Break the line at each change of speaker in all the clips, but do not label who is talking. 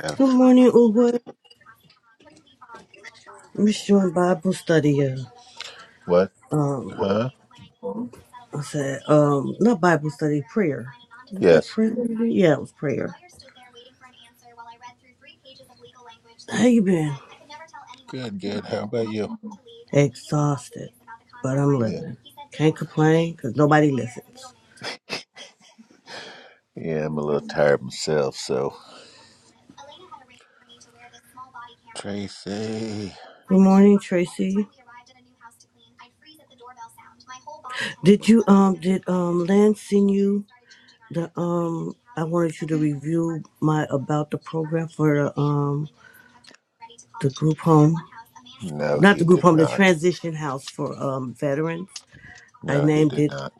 F.
Good morning, Uber. We should doing Bible study.
What?
Uh, um,
Huh?
I said, um, not Bible study, prayer. Was that
Yes.
prayer? Yeah, it was prayer. How you been?
Good, good. How about you?
Exhausted, but I'm
Yeah.
living. Can't complain because nobody listens.
Yeah, I'm a little tired myself, so. Tracy.
Good morning, Tracy. Did you um did um Lance send you the um I wanted you to review my about the program for the um the group home.
No,
Not
he
the group
did
home, the
not.
transition house for um veterans. I
No, he
named
did
it.
not.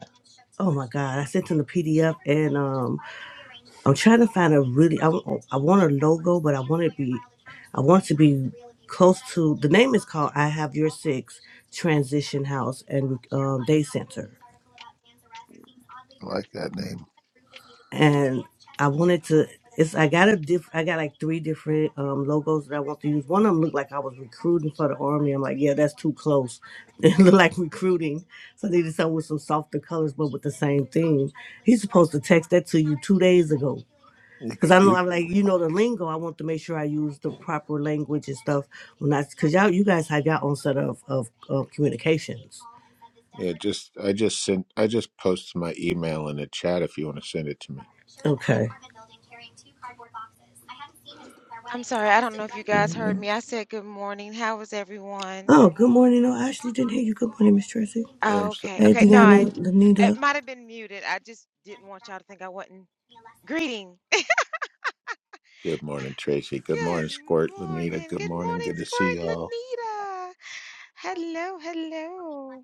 Oh my God! I sent him the PDF, and um, I'm trying to find a really. I, wa- I want a logo, but I want it to be. I want it to be close to. The name is called "I Have Your Six Transition House and um, Day Center."
I like that name.
and I wanted to. It's I got a diff. I got like three different um, logos that I want to use. One of them looked like I was recruiting for the army. I'm like, yeah, that's too close. It looked like recruiting, so I needed something with some softer colors, but with the same theme. He's supposed to text that to you two days ago.
You,
Cause
c-
I know
you,
I'm like you know the lingo. I want to make sure I use the proper language and stuff when I cause y'all you guys have y'all own set of of, of communications.
yeah, just I just sent I just posted my email in the chat if you want to send it to me.
Okay.
I'm sorry, I don't know if you guys heard me. I said good morning. How is everyone?
Oh, good morning. No, I actually didn't hear you. Good morning, Miss Tracy.
Oh,
Um, so,
okay.
Hey,
Okay. No, I
Deanna,
it
Lanita.
might have been muted. I just didn't want y'all to think I wasn't greeting.
good morning, Tracy. Good
Good
morning, Squirt, Lanita.
morning.
Good
Good
morning.
morning,
Good to see
Squirt
y'all.
Lanita. Hello, hello.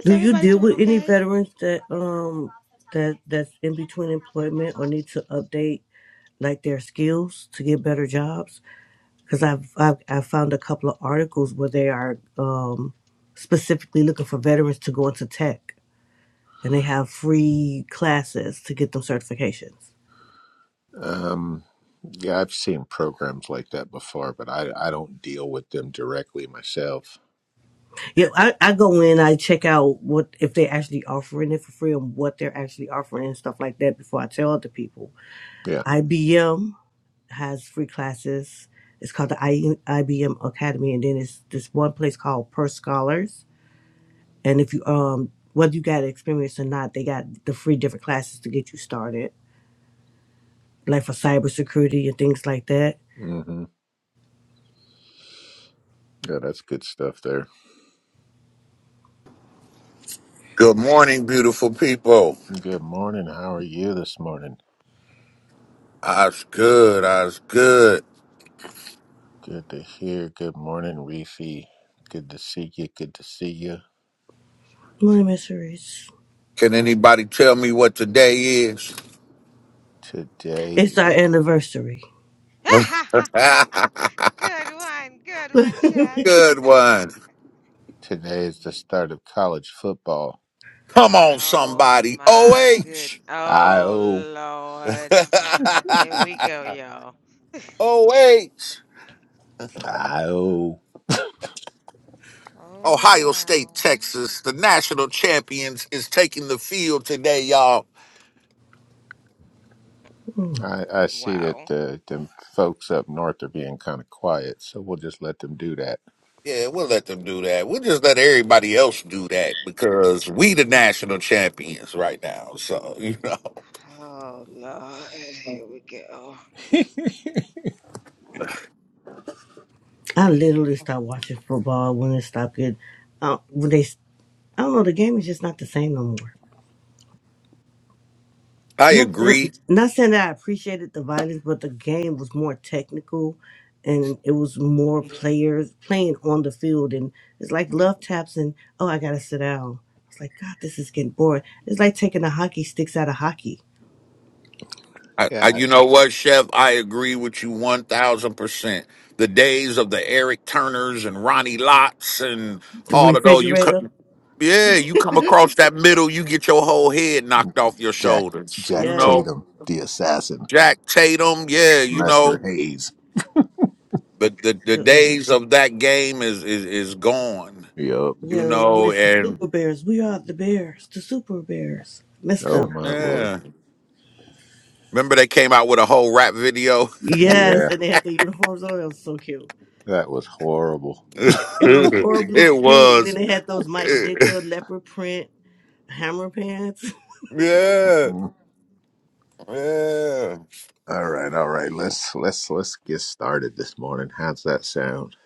Is
Do you
everybody
deal
doing
with any
okay?
veterans that um that that's in between employment or need to update like their skills to get better jobs? Because I've, I've I found a couple of articles where they are um specifically looking for veterans to go into tech. and they have free classes to get them certifications.
Um, yeah, I've seen programs like that before, but I I don't deal with them directly myself.
Yeah, I, I go in, I check out what if they're actually offering it for free and what they're actually offering and stuff like that before I tell other people.
Yeah.
IBM has free classes. It's called the I, IBM Academy, and then it's this one place called Per Scholars. And if you um whether you got experience or not, they got the free different classes to get you started, like for cybersecurity and things like that.
Mm-hmm. Yeah, that's good stuff there.
Good morning, beautiful people.
Good morning. How are you this morning?
I's good. I's good.
Good to hear. Good morning, Reefy. Good to see you. Good to see you.
One
Mm.
my mysteries.
Can anybody tell me what today is?
Today
It's our
is,
anniversary.
Good one. Good one, Chef.
good one.
today is the start of college football.
Come on,
Oh
somebody.
my good.
OH.
I
Oh
oh
Lord. There we go, y'all.
OH.
I oh
Oh
Ohio State,
wow.
Texas. The national champions is taking the field today, y'all.
Mm.
I, I see that
Wow.
the them folks up north are being kind of quiet, so we'll just let them do that.
Yeah, we'll let them do that. We'll just let everybody else do that because we the national champions right now. So, you know.
Oh, Lord. Here we go.
I literally stopped watching football when it stopped getting. Uh, when they, I don't know, the game is just not the same no more.
I
Not
agree
saying, not saying that I appreciated the violence, but the game was more technical, and it was more players playing on the field, and it's like love taps and oh, I gotta sit down. It's like God, this is getting boring. It's like taking the hockey sticks out of hockey.
I, I,
yeah,
you know what, Chef? I agree with you 1000%. The days of the Eric Turners and Ronnie Lotts and
The
all of those, you
refrigerator,
could, yeah, you come across that middle, you get your whole head knocked
mm,
off your
Jack
shoulders.
Jack
You
yes,
know,
Tatum, the assassin,
Jack Tatum, yeah, you
Lester
know,
Hayes.
but the, the
the- like,
days of that game is, is, is gone,
Yup.
you
you
know, I
know,
miss the
and
Super Bears. We are the Bears, the Super Bears. Miss
Oh
them.
my lord.
yeah. Remember they came out with a whole rap video?
Yeah.
Yes, and they had the uniforms on. It was so cute.
That was horrible.
It was horribly
it
cute. And then
was.
they had those Mike Dicker leopard print hammer pants.
yeah,
Mm.
yeah.
All right, all right. Let's let's let's get started this morning. How's that sound?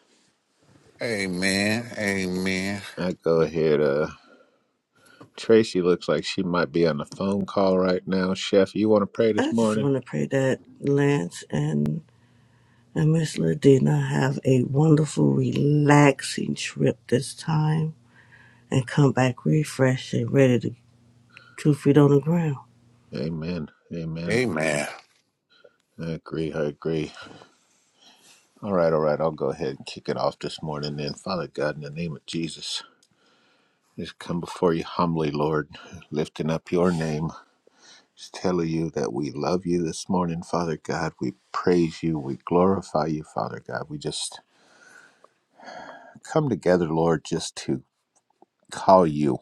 Amen. Amen.
I go ahead. Uh, Tracy looks like she might be on a phone call right now. Chef, you want to pray this
I just
morning?
want to pray that Lance and, and Miss Ladina have a wonderful, relaxing trip this time and come back refreshed and ready to two feet on the ground.
Amen. Amen.
Amen.
I agree. I agree. All right, all right. I'll go ahead and kick it off this morning. Then, Father God, in the name of Jesus, just come before you humbly, Lord, lifting up your name. Just telling you that we love you this morning, Father God. We praise you. We glorify you, Father God. We just come together, Lord, just to call you,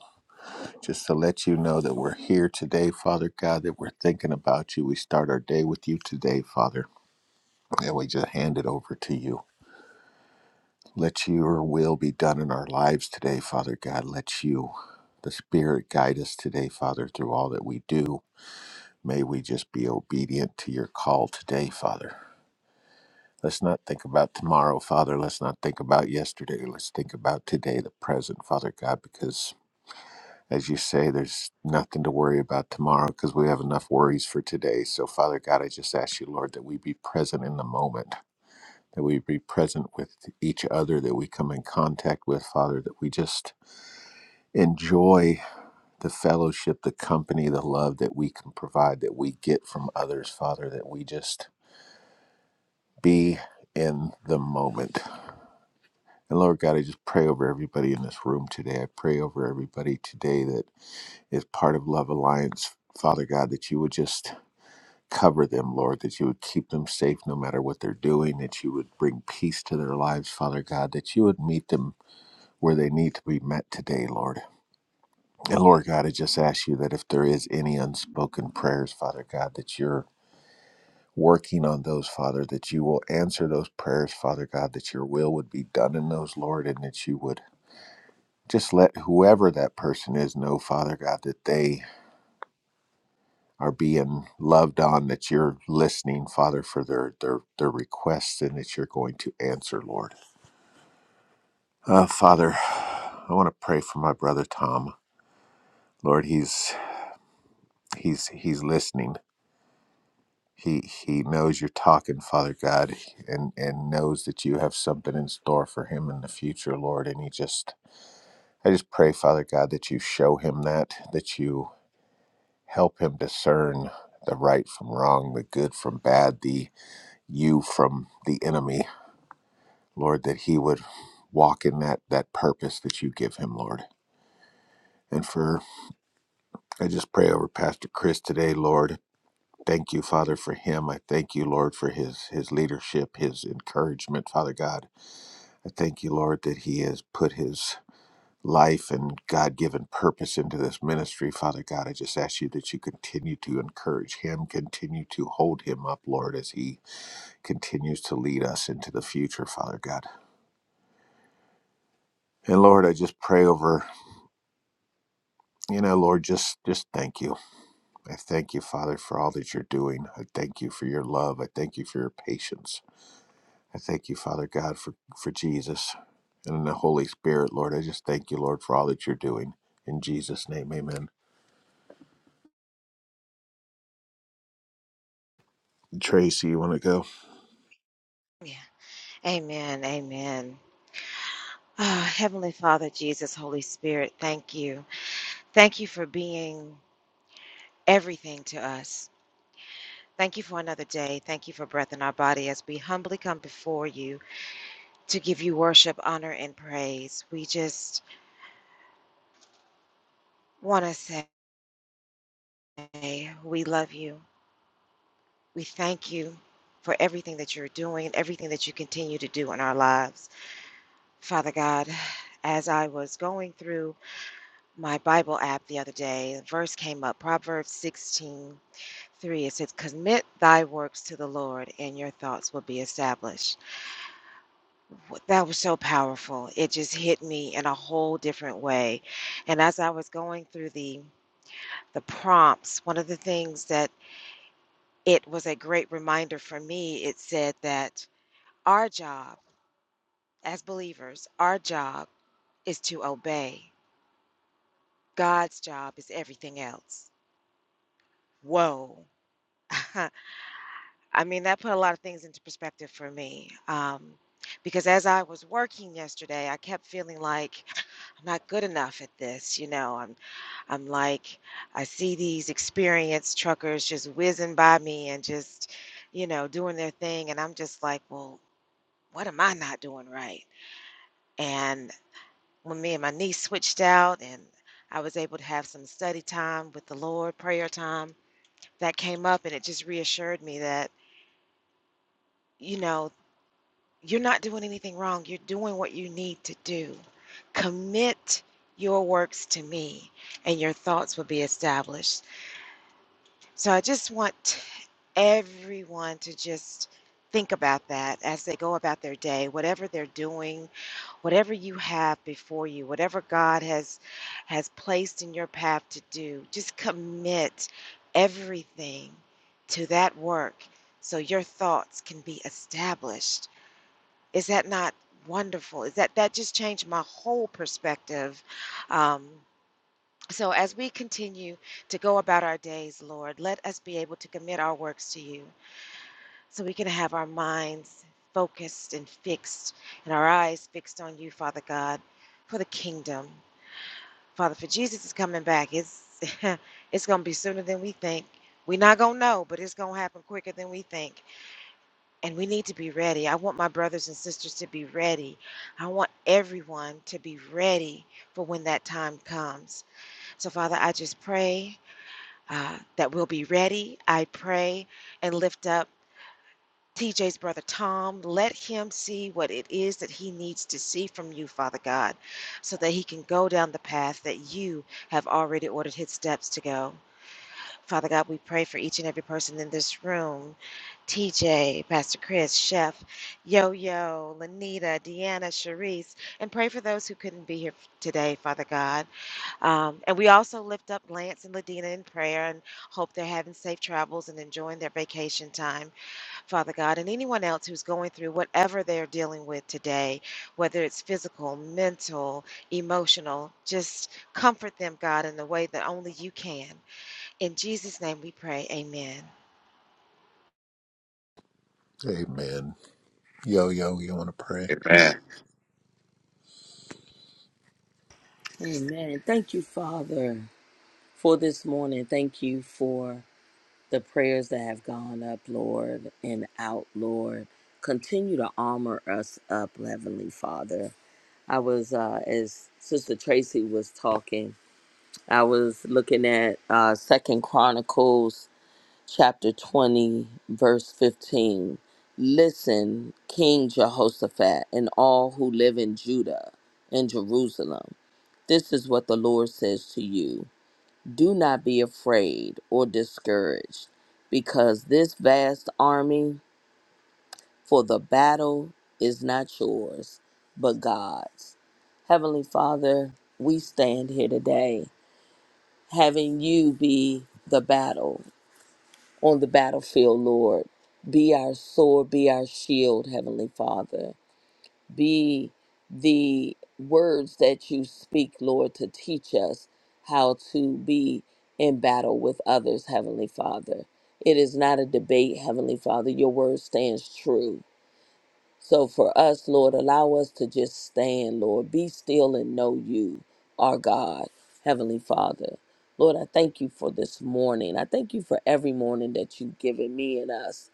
just to let you know that we're here today, Father God, that we're thinking about you. We start our day with you today, Father, and we just hand it over to you. Let your will be done in our lives today, Father God. Let you, the Spirit, guide us today, Father, through all that we do. May we just be obedient to your call today, Father. Let's not think about tomorrow, Father. Let's not think about yesterday. Let's think about today, the present, Father God, because as you say, there's nothing to worry about tomorrow because we have enough worries for today. So, Father God, I just ask you, Lord, that we be present in the moment, that we be present with each other that we come in contact with, Father, that we just enjoy the fellowship, the company, the love that we can provide, that we get from others, Father, that we just be in the moment And Lord God, I just pray over everybody in this room today. I pray over everybody today that is part of Love Alliance. Father God, that you would just cover them, Lord, that you would keep them safe no matter what they're doing, that you would bring peace to their lives, Father God, that you would meet them where they need to be met today, Lord. And Lord God, I just ask you that if there is any unspoken prayers, Father God, that you're working on those, Father, that you will answer those prayers, Father God, that your will would be done in those, Lord, and that you would just let whoever that person is know, Father God, that they are being loved on, that you're listening, Father, for their their their requests, and that you're going to answer, Lord. Uh, Father, I want to pray for my brother Tom. Lord, he's he's he's listening. He he knows you're talking, Father God, and and knows that you have something in store for him in the future, Lord. And he just, I just pray, Father God, that you show him that, that you Help him discern the right from wrong, the good from bad, the you from the enemy. Lord, that he would walk in that, that purpose that you give him, Lord. And for, I just pray over Pastor Chris today, Lord. Thank you, Father, for him. I thank you, Lord, for his, his leadership, his encouragement, Father God. I thank you, Lord, that he has put his life and God given purpose into this ministry, Father God. I just ask you that you continue to encourage him, continue to hold him up, Lord, as he continues to lead us into the future, Father God. And Lord, I just pray over, you know, Lord, just just thank you. I thank you, Father, for all that you're doing. I thank you for your love. I thank you for your patience. I thank you, Father God, for for Jesus and the Holy Spirit, Lord. I just thank you, Lord, for all that you're doing. In Jesus' name, amen. Tracy, you want to go?
Yeah. Amen. Amen. Ah, Heavenly Father, Jesus, Holy Spirit, thank you. Thank you for being everything to us. Thank you for another day. Thank you for breath in our body as we humbly come before you to give you worship, honor, and praise. We just want to say we love you. We thank you for everything that you're doing and everything that you continue to do in our lives. Father God, as I was going through my Bible app the other day, a verse came up, Proverbs 16 3. It says, Commit thy works to the Lord, and your thoughts will be established. W- That was so powerful. It just hit me in a whole different way. And as I was going through the the prompts, one of the things that it was a great reminder for me, it said that our job as believers, our job is to obey. God's job is everything else. Whoa. I mean, that put a lot of things into perspective for me. Um, because as I was working yesterday, I kept feeling like I'm not good enough at this. You know, I'm, I'm like, I see these experienced truckers just whizzing by me and just, you know, doing their thing. And I'm just like, well, what am I not doing right? And when me and my niece switched out and I was able to have some study time with the Lord, prayer time, that came up and it just reassured me that, you know, You're not doing anything wrong. You're doing what you need to do. Commit your works to me, and your thoughts will be established. So I just want everyone to just think about that as they go about their day, whatever they're doing, whatever you have before you, whatever God has has placed in your path to do, just commit everything to that work so your thoughts can be established is that not wonderful? Is that that just changed my whole perspective? Um, so as we continue to go about our days, Lord, let us be able to commit our works to you, so we can have our minds focused and fixed, and our eyes fixed on you, Father God, for the kingdom, Father. For Jesus is coming back. It's it's gonna be sooner than we think. We're not gonna know, but it's gonna happen quicker than we think. And we need to be ready. I want my brothers and sisters to be ready. I want everyone to be ready for when that time comes. So, Father, I just pray uh, that we'll be ready. I pray and lift up TJ's brother Tom. Let him see what it is that he needs to see from you, Father God, so that he can go down the path that you have already ordered his steps to go. Father God, we pray for each and every person in this room TJ, Pastor Chris, Chef, Yo Yo, Lanita, Deanna, Sharice, and pray for those who couldn't be here today, Father God. Um, and we also lift up Lance and Ladina in prayer and hope they're having safe travels and enjoying their vacation time, Father God. And anyone else who's going through whatever they're dealing with today, whether it's physical, mental, emotional, just comfort them, God, in the way that only you can. In Jesus' name we pray. Amen.
Amen. Yo, yo, you want to pray?
Amen.
Amen. Thank you, Father, for this morning. Thank you for the prayers that have gone up, Lord, and out, Lord. Continue to armor us up, Heavenly Father. I was, uh, as Sister Tracy was talking, I was looking at uh, Second Chronicles chapter 20, verse 15. Listen, King Jehoshaphat, and all who live in Judah and Jerusalem. This is what the Lord says to you Do not be afraid or discouraged, because this vast army, for the battle is not yours, but God's. Heavenly Father, we stand here today having you be the battle on the battlefield, Lord. Be our sword, be our shield, Heavenly Father. be the words that you speak, Lord, to teach us how to be in battle with others, Heavenly Father. It is not a debate, Heavenly Father. Your word stands true. So for us, Lord, allow us to just stand, Lord. Be still and know you, our God, Heavenly Father. Lord, I thank you for this morning. I thank you for every morning that you've given me and us,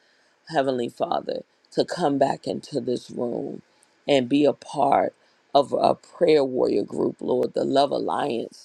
Heavenly Father, to come back into this room and be a part of a prayer warrior group, Lord, the Love Alliance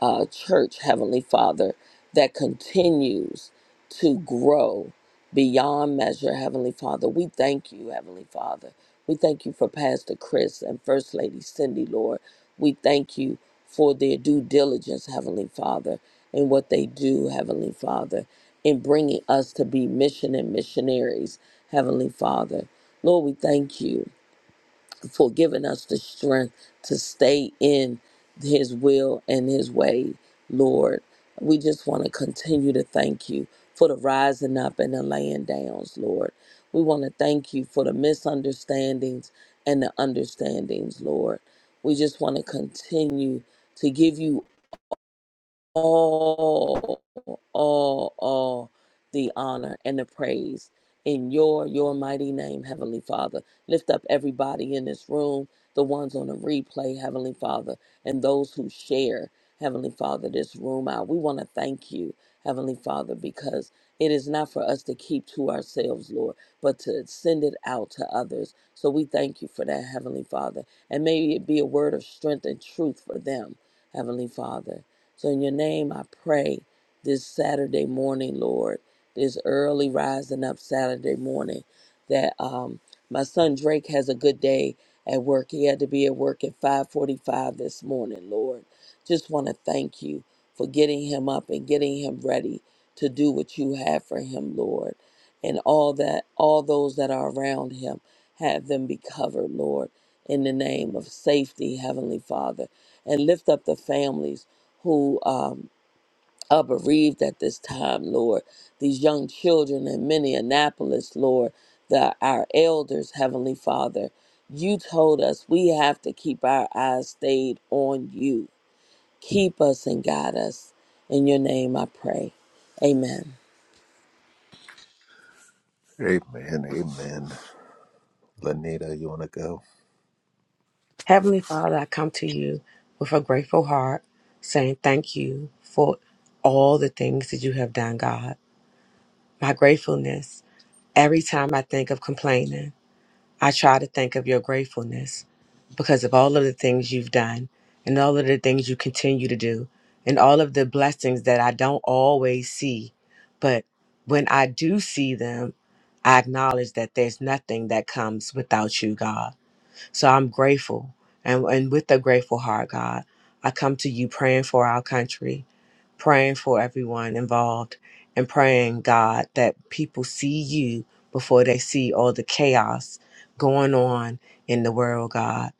uh, church, Heavenly Father, that continues to grow beyond measure, Heavenly Father. We thank you, Heavenly Father. We thank you for Pastor Chris and First Lady Cindy, Lord. We thank you for their due diligence, Heavenly Father, in what they do, Heavenly Father, in bringing us to be mission and missionaries, Heavenly Father. Lord, we thank you for giving us the strength to stay in His will and His way, Lord. We just want to continue to thank you for the rising up and the laying downs, Lord. We want to thank you for the misunderstandings and the understandings, Lord. We just want to continue to give you all, all, all the honor and the praise in your your mighty name, Heavenly Father. Lift up everybody in this room, the ones on the replay, Heavenly Father, and those who share, Heavenly Father, this room out. We want to thank you, Heavenly Father, because it is not for us to keep to ourselves, Lord, but to send it out to others. So we thank you for that, Heavenly Father. And may it be a word of strength and truth for them, Heavenly Father. So, in your name, I pray this Saturday morning, Lord, this early rising up Saturday morning, that um, my son Drake has a good day at work. He had to be at work at 5:45 this morning, Lord. Just want to thank you for getting him up and getting him ready to do what you have for him, Lord. And all that all those that are around him, have them be covered, Lord, in the name of safety, Heavenly Father. And lift up the families who um, are bereaved at this time, Lord. These young children in Minneapolis, Lord, the, our elders, Heavenly Father, you told us we have to keep our eyes stayed on you. Keep us and guide us. In your name I pray. Amen.
Amen. Amen. Lanita, you want to go?
Heavenly Father, I come to you with a grateful heart, saying thank you for all the things that you have done, God. My gratefulness, every time I think of complaining, I try to think of your gratefulness because of all of the things you've done and all of the things you continue to do and all of the blessings that I don't always see. But when I do see them, I acknowledge that there's nothing that comes without you, God. So I'm grateful. And, and with a grateful heart, God, I come to you praying for our country, praying for everyone involved, and praying, God, that people see you before they see all the chaos going on in the world, God.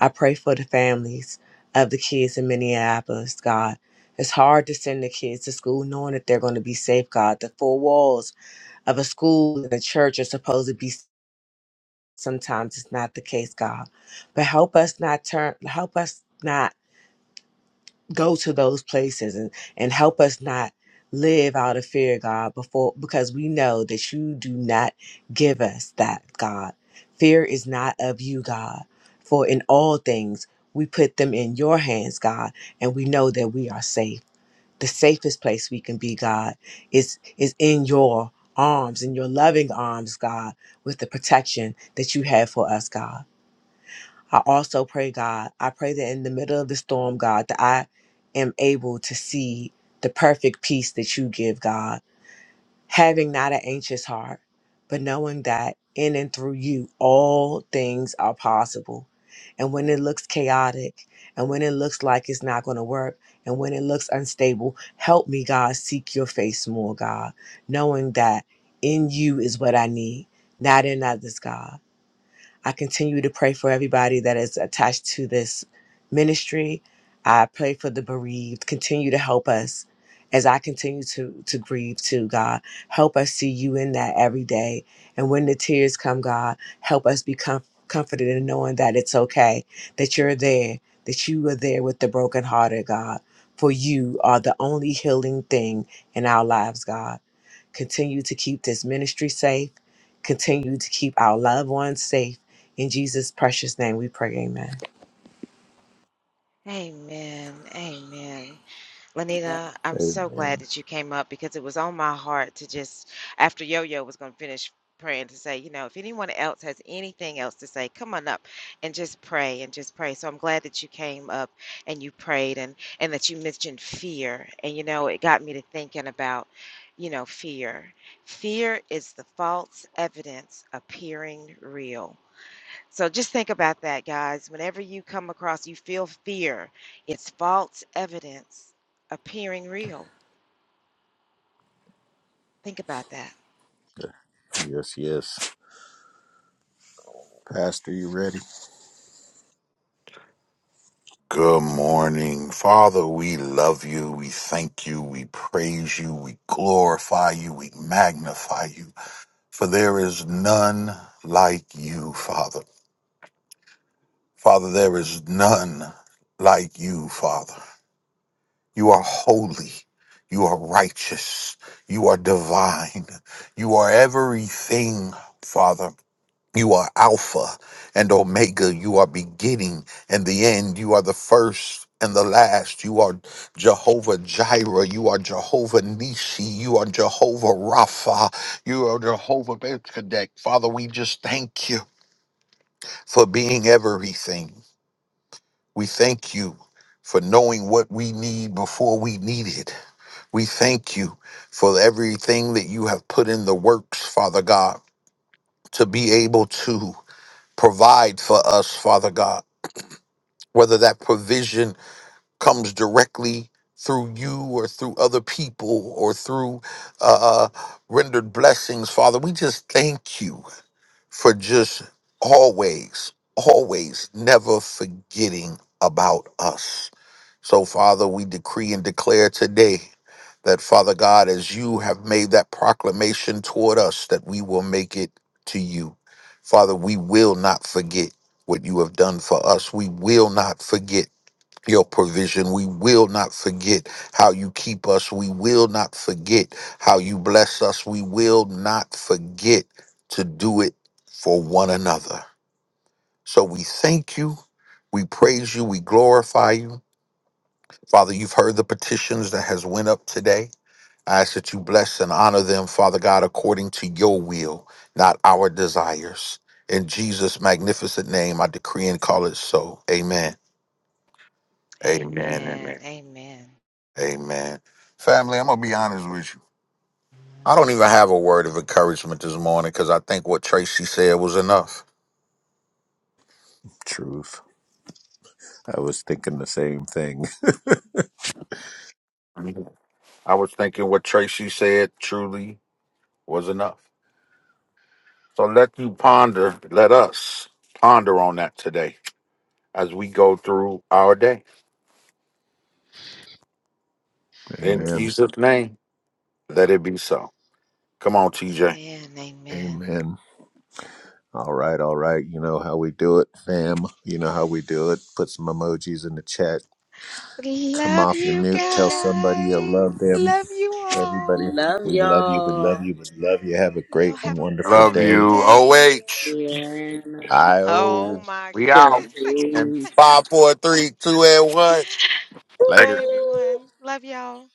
I pray for the families of the kids in Minneapolis, God. It's hard to send the kids to school knowing that they're going to be safe, God. The four walls of a school and a church are supposed to be sometimes it's not the case god but help us not turn help us not go to those places and and help us not live out of fear god before because we know that you do not give us that god fear is not of you god for in all things we put them in your hands god and we know that we are safe the safest place we can be god is is in your arms in your loving arms god with the protection that you have for us god I also pray, God, I pray that in the middle of the storm, God, that I am able to see the perfect peace that you give, God, having not an anxious heart, but knowing that in and through you, all things are possible. And when it looks chaotic, and when it looks like it's not going to work, and when it looks unstable, help me, God, seek your face more, God, knowing that in you is what I need, not in others, God. I continue to pray for everybody that is attached to this ministry. I pray for the bereaved. Continue to help us as I continue to, to grieve too, God. Help us see you in that every day. And when the tears come, God, help us be com- comforted in knowing that it's okay, that you're there, that you are there with the brokenhearted, God. For you are the only healing thing in our lives, God. Continue to keep this ministry safe continue to keep our loved ones safe. In Jesus' precious name we pray, amen.
Amen. Amen. Lanita, I'm so glad
Amen.
that you came up because it was on my heart to just, after Yo Yo was going to finish praying, to say, you know, if anyone else has anything else to say, come on up and just pray and just pray. So I'm glad that you came up and you prayed and, and that you mentioned fear. And, you know, it got me to thinking about, you know, fear. Fear is the false evidence appearing real. So just think about that, guys. Whenever you come across, you feel fear, it's false evidence appearing real. Think about that.
Yes, yes. Pastor, you ready?
Good morning. Father, we love you. We thank you. We praise you. We glorify you. We magnify you. For there is none like you, Father. Father, there is none like you, Father. You are holy. You are righteous. You are divine. You are everything, Father. You are Alpha and Omega. You are beginning and the end. You are the first and the last. You are Jehovah Jireh. You are Jehovah Nisi. You are Jehovah Rapha. You are Jehovah Bethkadek. Father, we just thank you for being everything. We thank you for knowing what we need before we need it. We thank you for everything that you have put in the works, Father God, to be able to. provide for us, Father God, whether that provision comes directly through you or through other people or through uh, uh, rendered blessings, Father. We just thank you for just always, always never forgetting about us. So, Father, we decree and declare today that, Father God, as you have made that proclamation toward us, that we will make it to you. Father, we will not forget what you have done for us. We will not forget your provision. We will not forget how you keep us. We will not forget how you bless us. We will not forget to do it for one another. So we thank you. We praise you. We glorify you. Father, you've heard the petitions that has went up today. I ask that you bless and honor them, Father God, according to your will, not our desires. In Jesus' magnificent name, I decree and call it so. Amen. Amen. Amen.
Amen. Amen.
Amen. Family, I'm going to be honest with you. I don't even have a word of encouragement this morning because I think what Tracy said was enough.
Truth. I was thinking the same thing.
Mhm. I was thinking what Tracy said truly was enough. So let you ponder, let us ponder on that today as we go through our day. In
Amen.
Jesus' name, let it be so. Come on, TJ.
Amen. Amen.
Amen. All right, all right. You know how we do it, fam. You know how we do it. Put some emojis in the chat. Come
Love
off your
you
mute. Tell somebody you
guys.
love them.
Love you
Everybody,
all.
Love
we love you. We love
y'all.
you. We love you. Have a
Y'all
great and
have a
wonderful
Love
wonderful
day.
you.
day.
OH.
Yeah.
I
Oh
O.
my
We out.
goodness.
And
Cherise.
five, four, three, two, and one.
Later.
Bye,
Woo-hoo.
everyone. Love y'all.